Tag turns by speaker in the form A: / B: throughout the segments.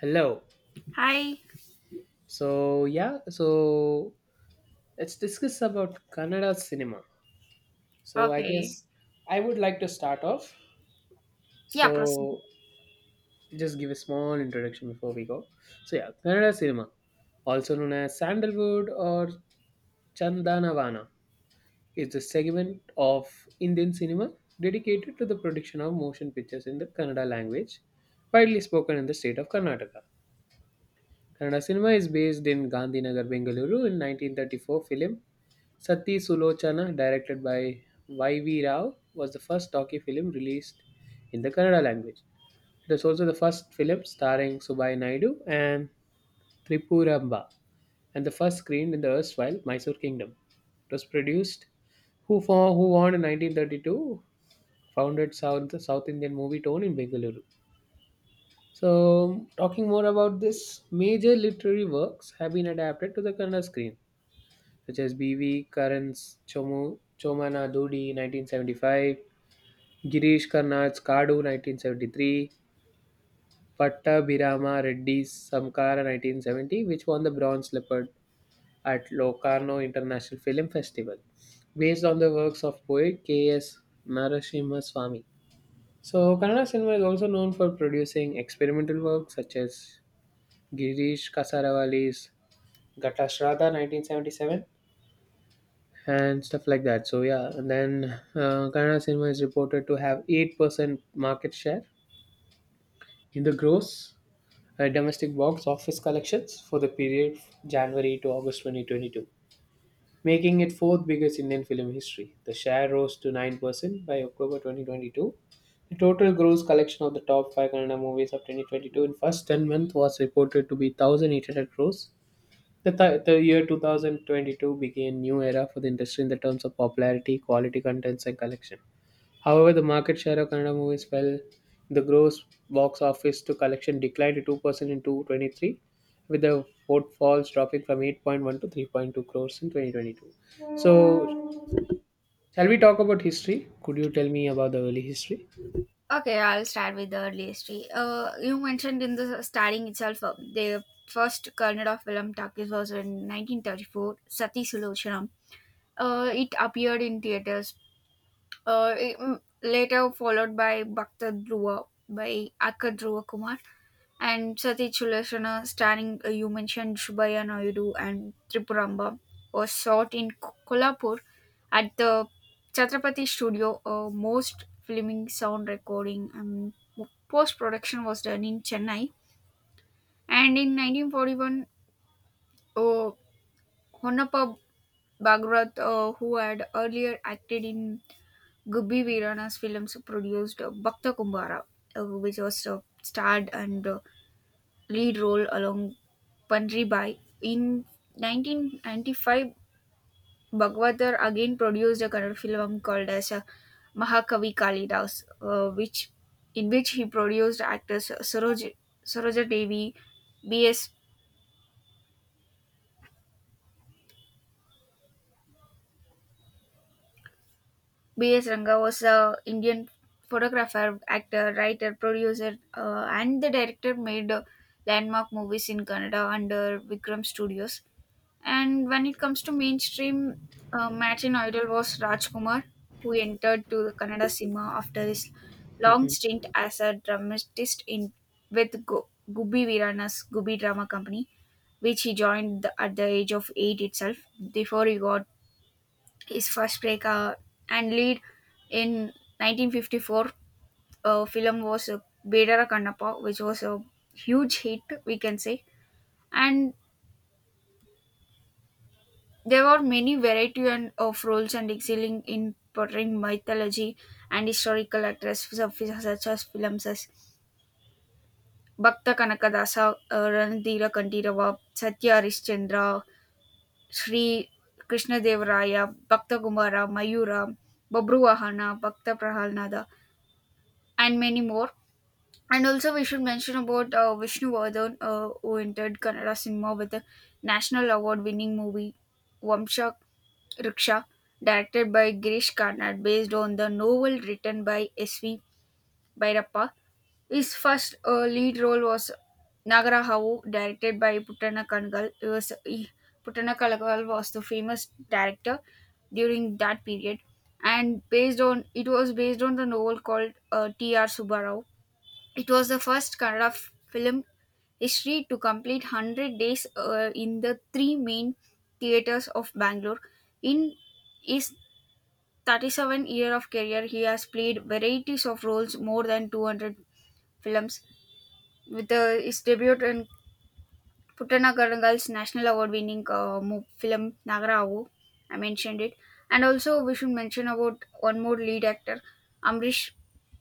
A: Hello.
B: Hi.
A: So yeah, so let's discuss about Kannada cinema. So I
B: Okay.
A: guess I would like to start off.
B: Yeah, proceed.
A: So just give a small introduction before we go. So yeah, Kannada cinema, also known as sandalwood or chandanavana, is a segment of Indian cinema dedicated to the production of motion pictures in the Kannada language, widely spoken in the state of Karnataka. Kannada cinema is based in Gandhinagar, Bengaluru in 1934 film Sati Sulochana, directed by Y.V. Rao, was the first talkie film released in the Kannada language. It was also the first film starring Subbai Naidu and Tripuramba, and the first screened in the erstwhile Mysore Kingdom. It was produced who won in 1932 founded South Indian movie tone in Bengaluru. So, talking more about this, major literary works have been adapted to the Kannada screen, such as B.V. Karan's Chomana Dudi 1975, Girish Karnad's Kadu 1973, Pattabhirama Reddy's Samkara 1970, which won the Bronze Leopard at Locarno International Film Festival, based on the works of poet K.S. Narasimha Swamy. So, Kannada cinema is also known for producing experimental works such as Girish Kasaravali's Ghata Shraddha 1977 and stuff like that. So yeah, and then Kannada cinema is reported to have 8% market share in the gross domestic box office collections for the period January to August 2022, making it fourth biggest Indian film history. The share rose to 9% by October 2022. The total gross collection of the top five Kannada movies of 2022 in first 10 months was reported to be 1,800 crores. The year 2022 began a new era for the industry in the terms of popularity, quality contents, and collection. However, the market share of Kannada movies fell in the gross box office to collection declined to 2% in 2023, with the footfalls dropping from 8.1 to 3.2 crores in 2022. So, shall we talk about history? Could you tell me about the early history?
B: Okay, I'll start with the earliest tree. You mentioned in the starting itself, the first kernel of film Takis was in 1934, Sati Sulochana. It appeared in theaters, later followed by Bhakta Dhruva by Akka Dhruva Kumar. And Sati Chulashana, starring you mentioned Shubhaya Naidu and Tripuramba, was shot in Kolhapur at the Chhatrapati studio. Most filming, sound recording and post production was done in Chennai. And in 1941, uh, Honnappa Bhagwat, who had earlier acted in Gubbi Veerana's films, produced Bhakta Kumbara, which was starred and lead role along Pandri Bai. In 1995, Bhagavatar again produced a Kannada film called as Mahakavi Kalidas, which in which he produced actors Saroj, Saroja Devi. B.S. B.S. Ranga was a Indian photographer, actor, writer, producer, and the director, made landmark movies in Canada under Vikram Studios. And when it comes to mainstream, Martin Idol was Rajkumar, who entered to the Kannada cinema after his long
A: Mhm.
B: stint as a dramatist in with Gubbi Veerana's Gubbi Drama Company, which he joined at the age of eight itself before he got his first breakout and lead in 1954 film was Bedara Kannappa, which was a huge hit, we can say. And there were many variety and, of roles and excelling in portraying mythology and historical such as films as Bhakta Kanakadasa, Ranadira Kantirava, Satya Harishchandra, Sri Krishna Devaraya, Bhakta Kumara, Mayura, Babru Vahana, Bhakta Prahalnada, and many more. And also, we should mention about Vishnu Vardhan, who entered Kannada cinema with a national award winning movie Vamsha Riksha, directed by Girish Karnad, based on the novel written by S.V. Bhairappa. His first lead role was Nagarahavu, directed by Putana Kangal. Putana Kangal was the famous director during that period, and based on the novel called T.R. Subbarao, it was the first Kannada film history to complete 100 days in the three main theatres of Bangalore. In his 37 year of career, he has played varieties of roles, more than 200 films. With his debut in Puttana Karangal's National Award winning film Nagaravu, I mentioned it. And also, we should mention about one more lead actor, Amrish.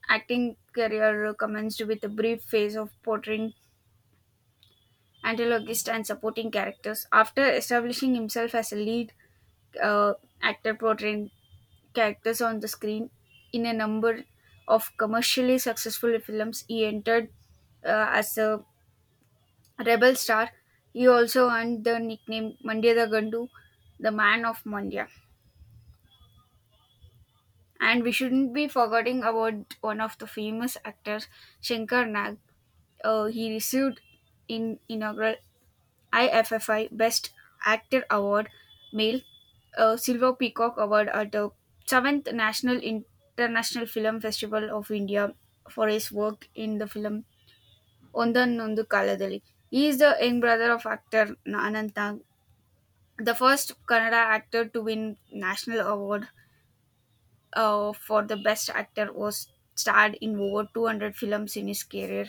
B: Acting career commenced with a brief phase of portraying antagonist and supporting characters. After establishing himself as a lead uh, actor, portraying characters on the screen in a number of commercially successful films, he entered as a rebel star. He also earned the nickname Mandya the Gandu, the man of Mandya. And we shouldn't be forgetting about one of the famous actors, Shankar Nag. He received in inaugural IFFI Best Actor Award Male, a Silver Peacock Award at the 7th National International Film Festival of India for his work in the film Ondan Nondu Kaladali. He is the young brother of actor Anant Nag, the first Kannada actor to win national award for the best actor, was starred in over 200 films in his career.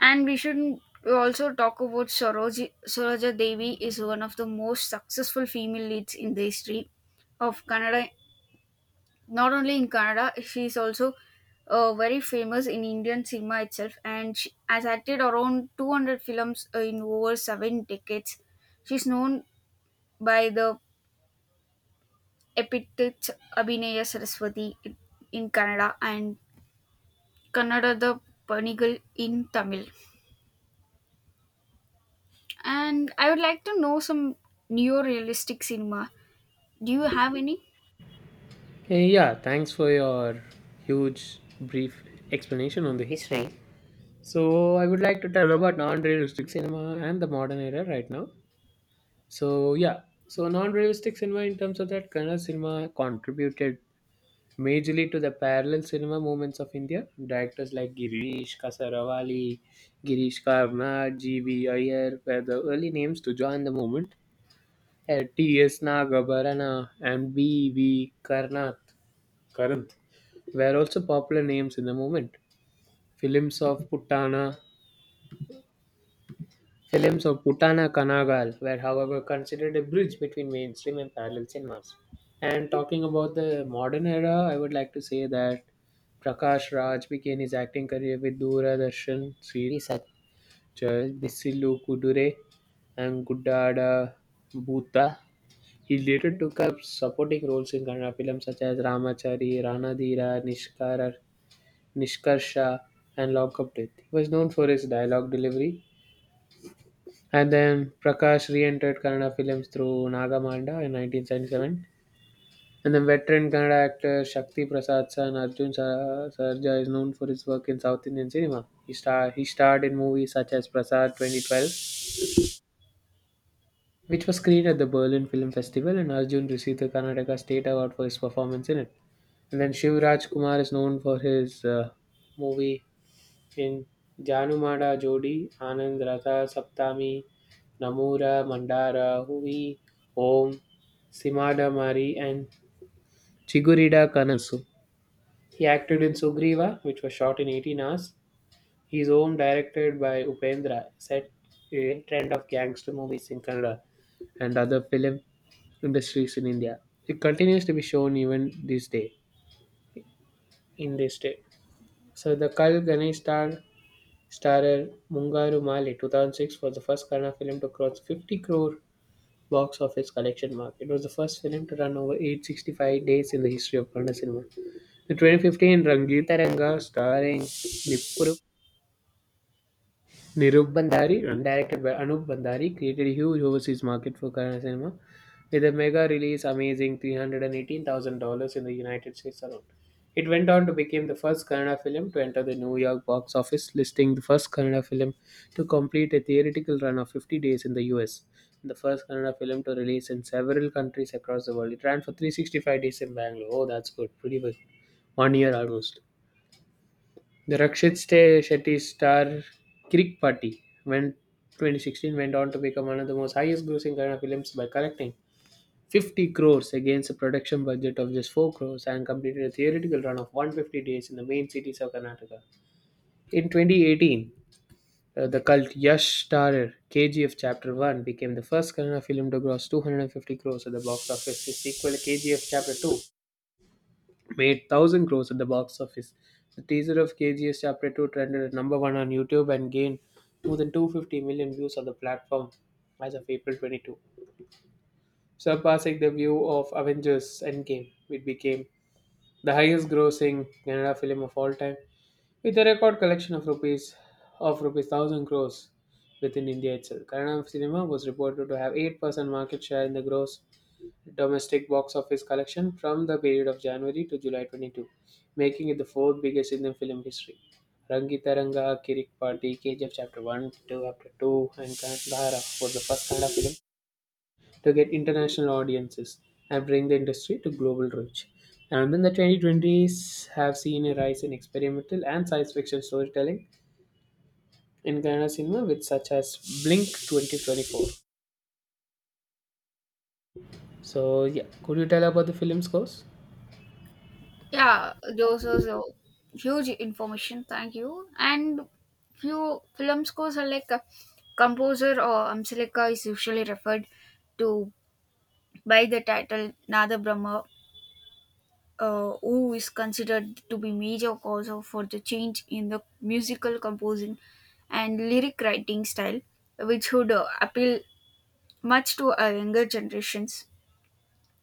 B: And we shouldn't also talk about Saroj. Soroja Devi is one of the most successful female leads in the history of Kannada. Not only in Kannada, she is also very famous in Indian cinema itself, and she has acted around 200 films in over 7 decades. She's known by the epithet Abhinaya Saraswati in Kannada and Kannada the Panigal in Tamil. And I would like to know some neo-realistic cinema. Do you have any?
A: Yeah, thanks for your huge brief explanation on the history. So I would like to tell about non-realistic cinema and the modern era right now. So yeah, so non-realistic cinema in terms of that Kannada cinema contributed majorly to the parallel cinema movements of India. Directors like Girish Kasaravali, Girish Karnad, G.V. Iyer were the early names to join the movement. T.S. Nagabarana and B.V. Karanth were also popular names in the movement. Films of Puttana Films of Putana Kanagal were, however, considered a bridge between mainstream and parallel cinemas. And talking about the modern era, I would like to say that Prakash Raj began his acting career with Doordarshan series such as Bisilu Kudure and Gudada Bhuta. He later took up supporting roles in Kannada films such as Ramachari, Ranadhira, Nishkarsha, and Lock Up Death. He was known for his dialogue delivery, and then Prakash re-entered Kannada films through Nagamanda in 1977. And then veteran Kannada actor Shakti Prasad San Arjun Sarja is known for his work in South Indian cinema. He starred in movies such as Prasad 2012, which was screened at the Berlin Film Festival, and Arjun received the Karnataka State Award for his performance in it. And then Shivraj Kumar is known for his movie In Janumada Jodi, Anand Ratha Saptami, Namura Mandara Huvi, Om, Simada Mari, and Chigurida Kanasu. He acted in Sugriva, which was shot in 18 hours. His home, directed by Upendra, set a trend of gangster movies in Kannada and other film industries in India. It continues to be shown even this day, in this day. So the Kal Ganesh Starrer Mungaru Mali (2006) was the first Kannada film to cross 50 crore box office collection mark. It was the first film to run over 865 days in the history of Kannada cinema. The 2015, Ranga starring Nipuru Nirup Bandari, directed by Anup Bandari, created a huge overseas market for Kannada cinema with a mega release amazing $318,000 in the United States alone. It went on to become the first Kannada film to enter the New York box office, listing the first Kannada film to complete a theatrical run of 50 days in the US, and the first Kannada film to release in several countries across the world. It ran for 365 days in Bangalore. Oh, that's good. Pretty good. One year almost. The Rakshit Shetty star Kirik Party went 2016 went on to become one of the most highest grossing Kannada films by collecting 50 crores against a production budget of just 4 crores and completed a theoretical run of 150 days in the main cities of Karnataka. In 2018, the cult Yash starrer KGF Chapter 1 became the first Kannada film to gross 250 crores at the box office. His sequel KGF Chapter 2 made 1,000 crores at the box office. The teaser of KGS Chapter 2 trended at number one on YouTube and gained more than 250 million views on the platform as of April 22, surpassing the view of Avengers Endgame. It became the highest-grossing Kannada film of all time, with a record collection of rupees 1,000 crores within India itself. Kannada cinema was reported to have 8% market share in the gross domestic box office collection from the period of January to July 22, making it the fourth biggest in the film history. Rangi Taranga, Kirik Party, KGF Chapter 1, 2, Chapter 2, and Kandahara was the first kind of film to get international audiences and bring the industry to global reach. And then the 2020s have seen a rise in experimental and science fiction storytelling in Kannada cinema with such as Blink 2024. So yeah, could you tell about the film scores?
B: Yeah, those are so huge information. Thank you. And few film scores are like a composer or Amsalika is usually referred to by the title Nada Brahma, who is considered to be major for the change in the musical composing and lyric writing style, which would appeal much to our younger generations.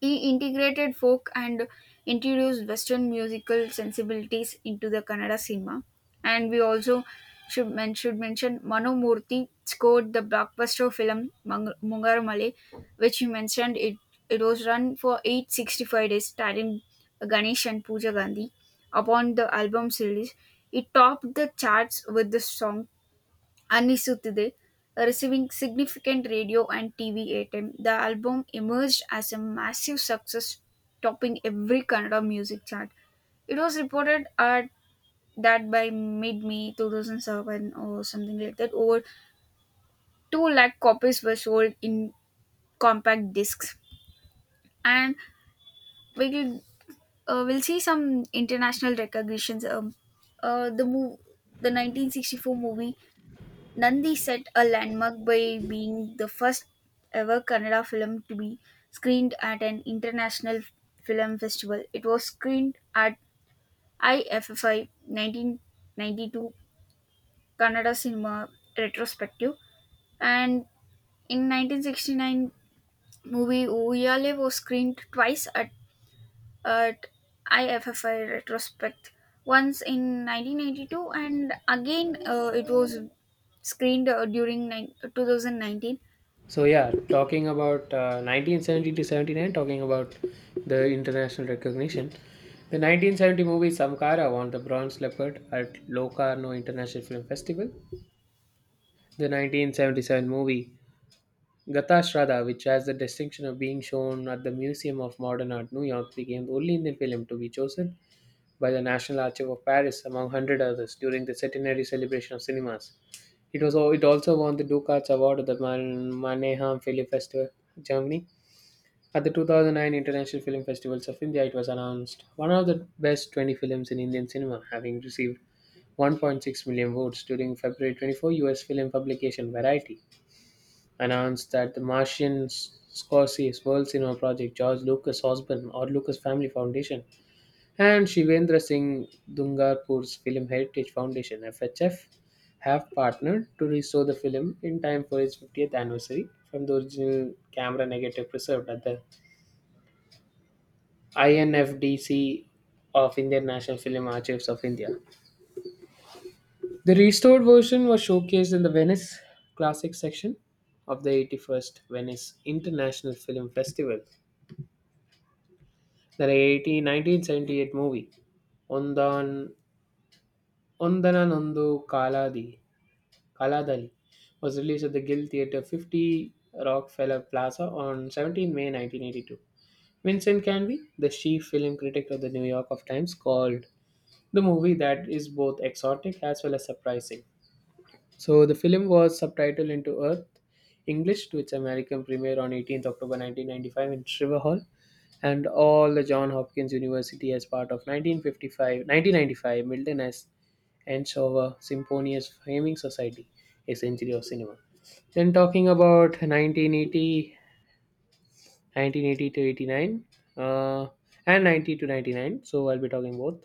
B: He integrated folk and introduced Western musical sensibilities into the Kannada cinema. And we also should mention Mano Murthy scored the blockbuster film Mungaru Male, which you mentioned it, it was run for 865 days, starring Ganesh and Pooja Gandhi. Upon the album's release, it topped the charts with the song Anisutide, receiving significant radio and TV airtime. The album emerged as a massive success, topping every Kannada music chart. It was reported at that by mid May 2007, or something like that, over 2 lakh copies were sold in compact discs. And we'll, we'll see some international recognitions. Uh, the move, the 1964 movie Nandi set a landmark by being the first ever Kannada film to be screened at an international film festival. It was screened at IFFI 1992 Kannada Cinema Retrospective, and in 1969 movie Uyale was screened twice at IFFI Retrospect. Once in 1992, and again it was screened during 2019.
A: So yeah, talking about 1970 to 79, talking about the international recognition. The 1970 movie Samkara won the Bronze Leopard at Locarno International Film Festival. The 1977 movie Gata Shraddha, which has the distinction of being shown at the Museum of Modern Art, New York, became the only Indian film to be chosen by the National Archive of Paris among 100 others during the centenary celebration of cinemas. It also won the Ducats Award at the Mannheim Film Festival, Germany. At the 2009 International Film Festivals of India, it was announced one of the best 20 films in Indian cinema, having received 1.6 million votes during February 24 US film publication Variety announced that the Martian Scorsese World Cinema Project, George Lucas Osborne or Lucas Family Foundation, and Shivendra Singh Dungarpur's Film Heritage Foundation FHF have partnered to restore the film in time for its 50th anniversary from the original camera negative preserved at the INFDC of Indian National Film Archives of India. The restored version was showcased in the Venice Classic section of the 81st Venice International Film Festival. The 18 movie Ondan Ondananondu Kaladi Kaladali was released at the Guild Theatre 50 Rockefeller Plaza on 17 May 1982. Vincent Canby, the chief film critic of the New York of Times, called the movie that is both exotic as well as surprising. So the film was subtitled into Earth English to its American premiere on 18th October 1995 in Shriver Hall and all the John Hopkins University as part of 1955 1995 Milton S. Enshower Symphonious Framing Society, a century of cinema. Then talking about 1980 to 89 uh, and 90 to 99. So I'll be talking both.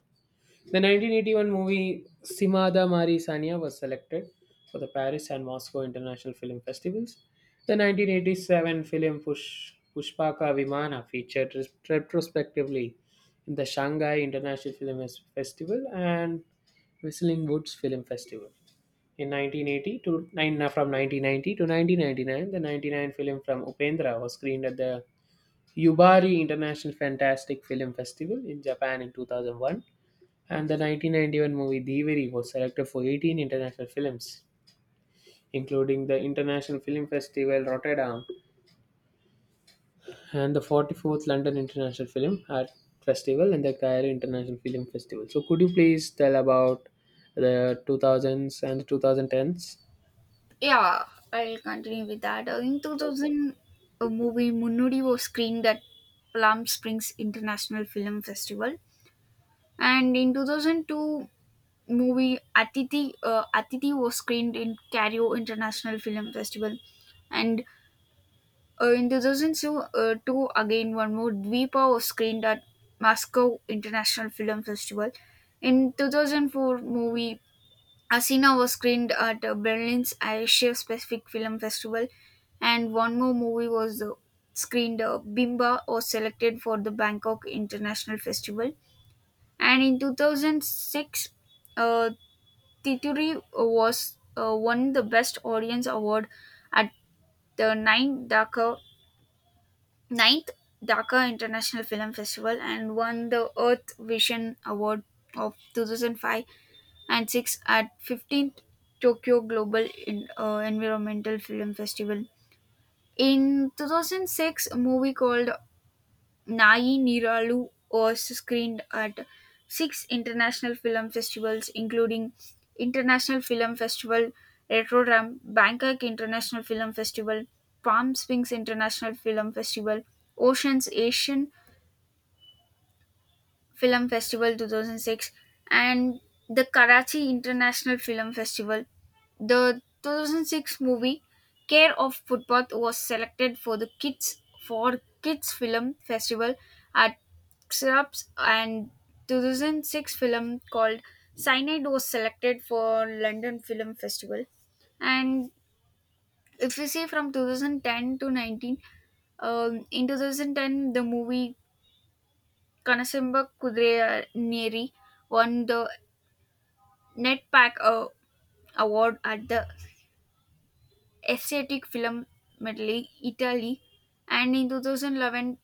A: The 1981 movie Simada Mari Sania was selected for the Paris and Moscow International Film Festivals. The 1987 film Pushpaka Vimana featured retrospectively in the Shanghai International Film Festival and Whistling Woods Film Festival. In 1980 to nine, from 1990 to 1999, the 99 film from Upendra was screened at the Yubari International Fantastic Film Festival in Japan in 2001. And the 1991 movie Devari was selected for 18 international films, including the International Film Festival Rotterdam and the 44th London International Film Art Festival and the Cairo International Film Festival. So, could you please tell about the 2000s and the 2010s?
B: Yeah, I'll continue with that. In 2000, a movie Munnudi was screened at Palm Springs International Film Festival, and in 2002, movie Atiti was screened in Cairo International Film Festival, and in 2002, two again one more Dvipa was screened at Moscow International Film Festival. In 2004, movie Asina was screened at Berlin's Asia Pacific Film Festival, and one more movie was screened. Bimba was selected for the Bangkok International Festival, and in 2006, uh, Tituri was won the Best Audience Award at the ninth Dhaka International Film Festival and won the Earth Vision Award of 2005 and six at 15th Tokyo Global Environmental Film Festival. In 2006, a movie called Nai Niralu was screened at six international film festivals, including International Film Festival, Retrogram, Bangkok International Film Festival, Palm Springs International Film Festival, Oceans Asian Film Festival 2006, and the Karachi International Film Festival. The 2006 movie Care of Footpath was selected for the Kids for Kids Film Festival at XRAPS, and 2006 film called Cyanide was selected for London Film Festival. And if you see from 2010 to 19, in 2010 the movie Kanasimba Kudiraneri won the Netpac Award at the Asiatic Film Medley, Italy, and in 2011,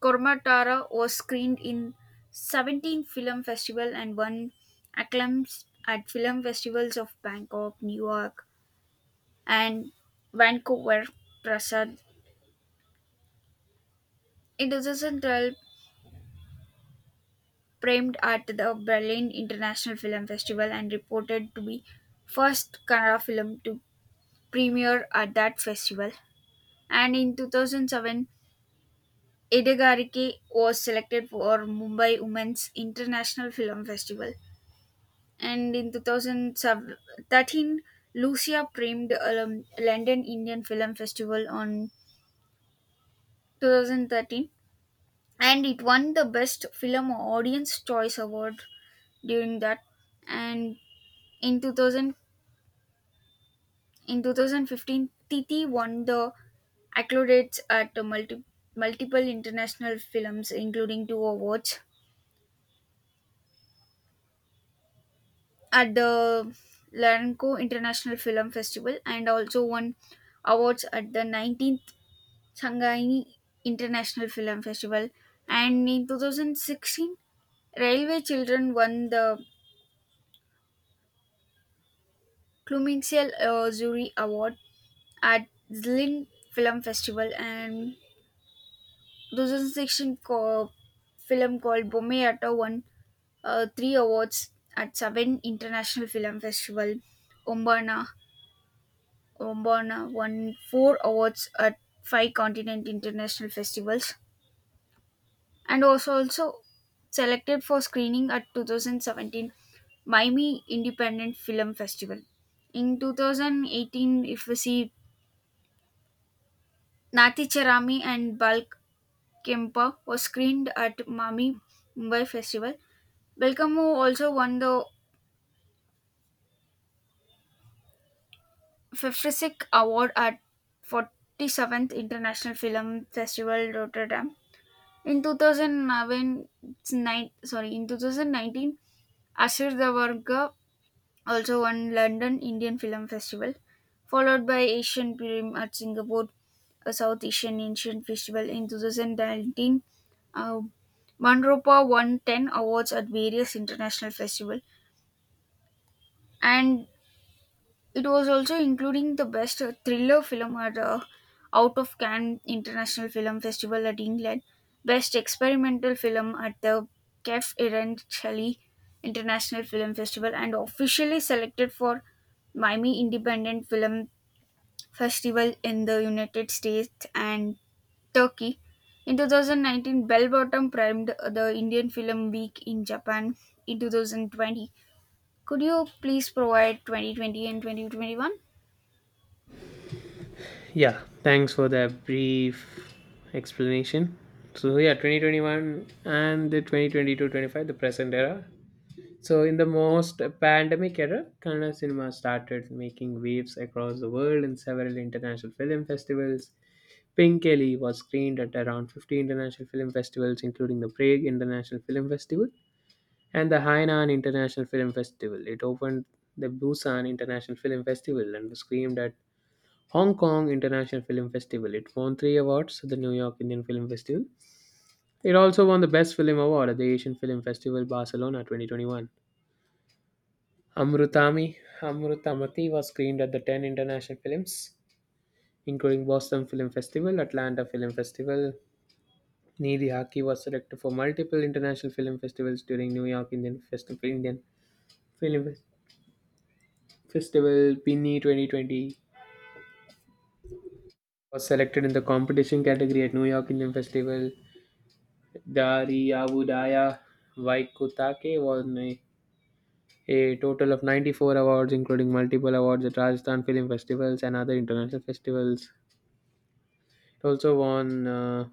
B: Kormatara was screened in 17 film festival and won acclaims at film festivals of Bangkok, New York, and Vancouver. Prasad in 2012 premiered at the Berlin International Film Festival and reported to be first Kannada film to premiere at that festival. And in 2007, Edegariki was selected for Mumbai Women's International Film Festival. And in 2013, Lucia premiered London Indian Film Festival on 2013, and it won the best film audience choice award during that, and in 2000 in 2015, Titi won the accolades at the multiple international films, including two awards at the Larenco International Film Festival, and also won awards at the 19th Shanghai International Film Festival. And in 2016, Railway Children won the Kluminxial Zuri Award at Zlin Film Festival. And there's a section film called Bombay won three awards at seven international film festival. Ombana Ombana won four awards at five continent international festivals, and was also selected for screening at 2017 Miami Independent Film Festival. In 2018, if we see Nati Cherami and Balk Kempa was screened at Mami Mumbai Festival. Belcamo also won the Fifrisic Award at 47th International Film Festival Rotterdam. In 2009, sorry, in 2019, Ashur Davarga also won London Indian Film Festival, followed by Asian Film at Singapore, a South Asian Festival in 2019. Uh, Manropa won 10 awards at various international festivals, and it was also including the best thriller film at the Out of Cannes International Film Festival at England, best experimental film at the Kef Iran International Film Festival, and officially selected for Miami Independent Film Festival in the United States and Turkey. In 2019, Bell Bottom primed the Indian Film Week in Japan in 2020. Could you please provide 2020 and 2021?
A: Yeah, thanks for the brief explanation. So yeah, 2021 and the 2022-25, the present era. So, in the most pandemic era, Kannada cinema started making waves across the world in several international film festivals. Pink was screened at around 50 international film festivals, including the Prague International Film Festival and the Hainan International Film Festival. It opened the Busan International Film Festival and was screened at Hong Kong International Film Festival. It won three awards at the New York Indian Film Festival. It also won the Best Film Award at the Asian Film Festival Barcelona 2021. Amrutami Amrutamati was screened at the 10 international films, including Boston Film Festival, Atlanta Film Festival. Neeli Haki was selected for multiple international film festivals during New York Indian Festival, Indian Film Festival. Pinni 2020 was selected in the competition category at New York Indian Festival. Dari Avudaya Vaikutake won a total of 94 awards, including multiple awards at Rajasthan Film Festivals and other international festivals. It also won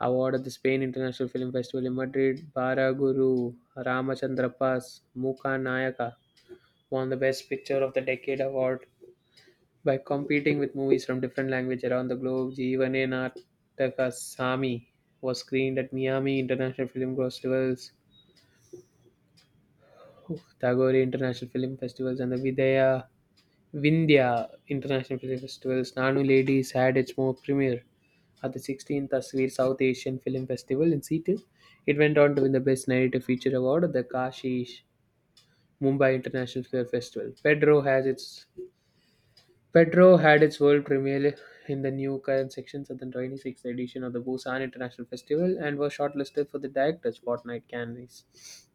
A: award at the Spain International Film Festival in Madrid. Baraguru Ramachandrapa's Mukha Nayaka won the Best Picture of the Decade award by competing with movies from different languages around the globe. Jeevane Nataka Sami was screened at Miami International Film Festivals, Tagore International Film Festivals, and the Vidya Vindhya International Film Festival's Nanu Ladies had its mock premiere at the 16th Aswir South Asian Film Festival in Seattle. It went on to win the Best Narrative Feature Award at the Kashish Mumbai International Film Festival. Pedro has its Petro had its world premiere in the new section at the 26th edition of the Busan International Festival and was shortlisted for the Director's Spotlight Cannes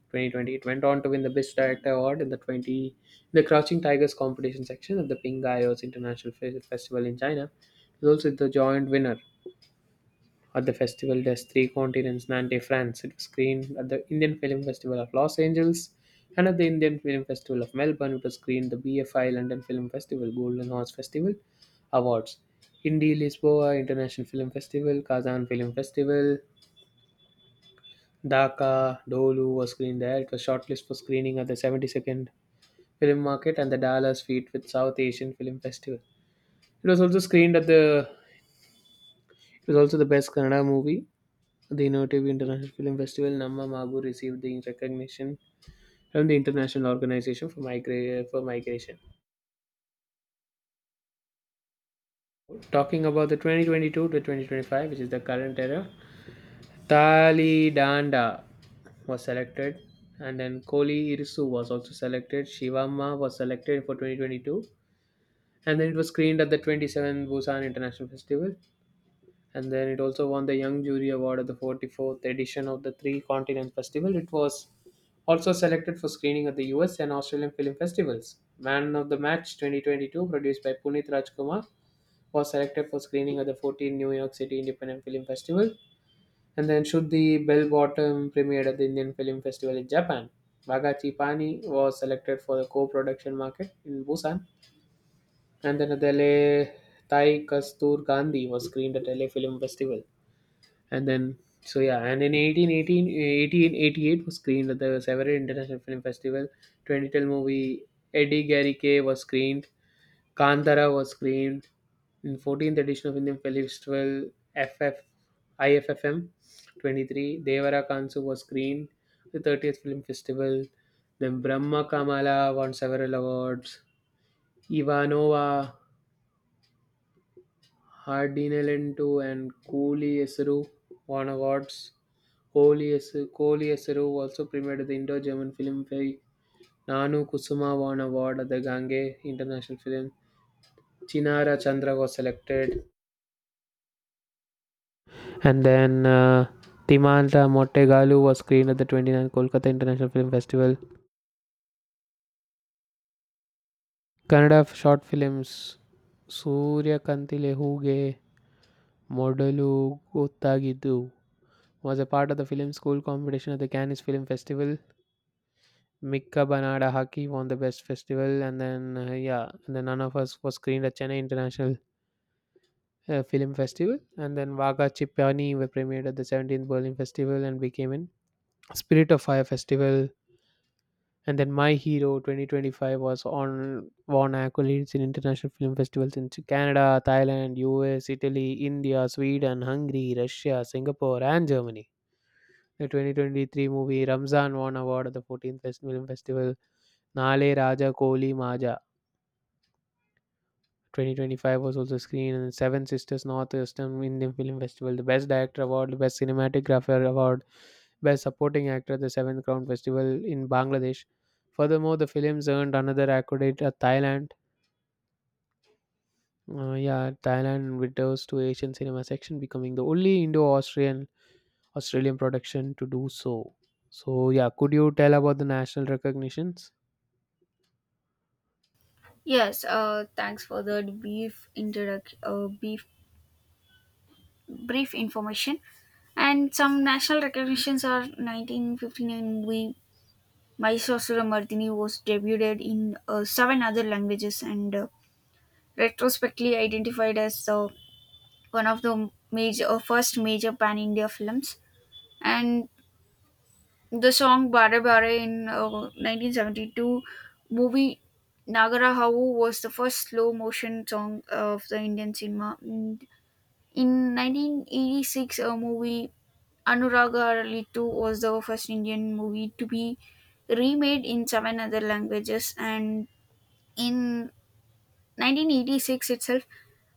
A: 2020. It went on to win the Best Director Award in the Crouching Tigers competition section of the Pingyos International Festival in China. It was also the joint winner at the festival Des Three Continents Nantes, France. It was screened at the Indian Film Festival of Los Angeles and at the Indian Film Festival of Melbourne. It was screened the BFI London Film Festival, Golden Horse Festival Awards, Indy Lisboa International Film Festival, Kazan Film Festival, Dhaka. Dolu was screened there. It was shortlisted for screening at the 72nd Film Market and the Dallas Feet with South Asian Film Festival. It was also screened at the. It was also the best Kannada movie. The innovative International Film Festival Namma Mabu received the recognition from the International Organization for Migration. Talking about the 2022 to 2025, which is the current era, Thali Danda was selected, and then Koli Irisu was also selected. Shivamma was selected for 2022, and then it was screened at the 27th Busan International Festival. And then it also won the Young Jury Award at the 44th edition of the Three Continents Festival. It was also selected for screening at the US and Australian film festivals. Man of the Match 2022, produced by Puneet Rajkumar, was selected for screening at the 14th New York City Independent Film Festival. And then Should the Bell Bottom premiered at the Indian Film Festival in Japan. Bagachi Pani was selected for the co-production market in Busan. And then at the LA Thai Kastur Gandhi was screened at LA Film Festival. And then, so yeah, and in 1888 was screened at the Several International Film Festival. 2012 movie Eddie Garrick was screened. Kantara was screened in 14th edition of Indian Film Festival FF IFFM 23. Devara Kansu was screened at the 30th Film Festival. Then Brahma Kamala won several awards. Ivanova, Hardinelento, and Cooley Esru won awards. ಕೊಹ್ಲಿಯಸು ಕೊಹ್ಲಿ ಹೆಸರು also premiered at the Indo-German Film Fe- "ನಾನು ಕುಸುಮಾವನ್ Award at the Gange International Film. Chinara Chandra was selected, and then Timandra Mottegalu was screened at the 29 Kolkata International Film Festival. Kannada short films ಸೂರ್ಯಕಾಂತಿಲೆ ಹೂಗೆ ಮೊದಲು ಗೊತ್ತಾಗಿದ್ದು was a part of the film school competition at the Cannes film festival. Mikka Banada Hockey won the Best Festival, and then yeah, and then none of us was screened at Chennai International Film Festival. And then Vaga Chipani were premiered at the 17th Berlin Festival and became in Spirit of Fire Festival. And then My Hero 2025 was on won accolades in international film festivals in Canada, Thailand, US, Italy, India, Sweden, Hungary, Russia, Singapore, and Germany. The 2023 movie Ramzan won award at the 14th Film Festival. Nale Raja Koli Maja 2025 was also screened in Seven Sisters Northwestern Indian Film Festival, the Best Director Award, the Best Cinematographer Award, Best Supporting Actor at the Seventh Crown Festival in Bangladesh. Furthermore, the films earned another accolade at Thailand. Yeah, Thailand returns to Asian cinema section, becoming the only indo australian Australian production to do so. So yeah, could you tell about the national recognitions?
B: Yes, thanks for that brief information. And some national recognitions are: 1959 movie Mysore Mardini was debuted in seven other languages, and retrospectively identified as one of the major first major pan India films. And the song Bare Bare in 1972 movie Nagara Havu was the first slow motion song of the Indian cinema. In 1986, a movie Anuradha Ritu was the first Indian movie to be remade in seven other languages, and in 1986 itself,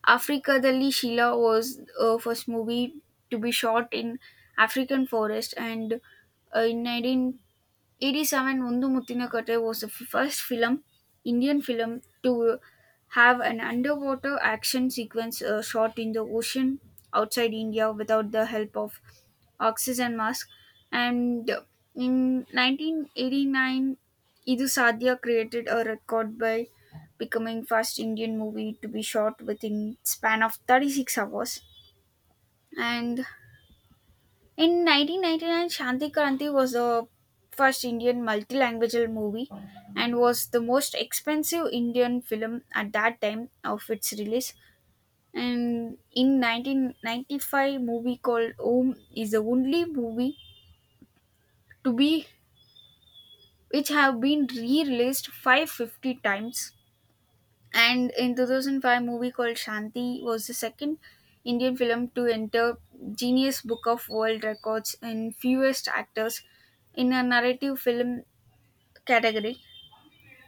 B: Africa Dali Sheila was the first movie to be shot in African forest, and in 1987 Mundu Muthinakattai was the first film Indian film to have an underwater action sequence shot in the ocean outside India without the help of oxygen mask. And in 1989 Idu Sadia created a record by becoming first Indian movie to be shot within span of 36 hours. And in 1999, Shanti Kranti was the first Indian multilingual movie and was the most expensive Indian film at that time of its release. And in 1995, movie called Om is the only movie to be which have been re-released 550 times. And in 2005 movie called Shanti was the second Indian film to enter Genius Book of World Records in fewest actors in a narrative film category.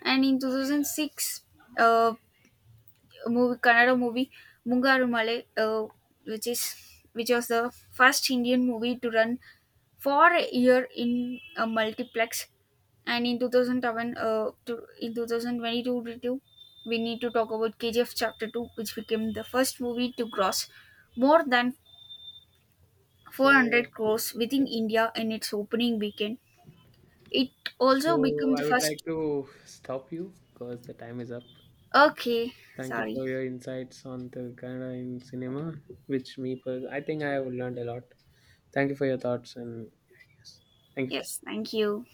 B: And in 2006, uh, movie Kannada movie Mungaru Male, which is which was the first Indian movie to run for a year in a multiplex. And in 2007, in 2022 we need to talk about KGF chapter 2, which became the first movie to gross more than
A: So,
B: 400 crores within India in its opening weekend. It also
A: so,
B: became the
A: I would like
B: first.
A: to stop you because the time is up.
B: Okay.
A: Thank you
B: Sorry.
A: for your insights on the Canada in cinema, which I think I have learned a lot. Thank you for your thoughts and yes, thank you for
B: Yes, thank you.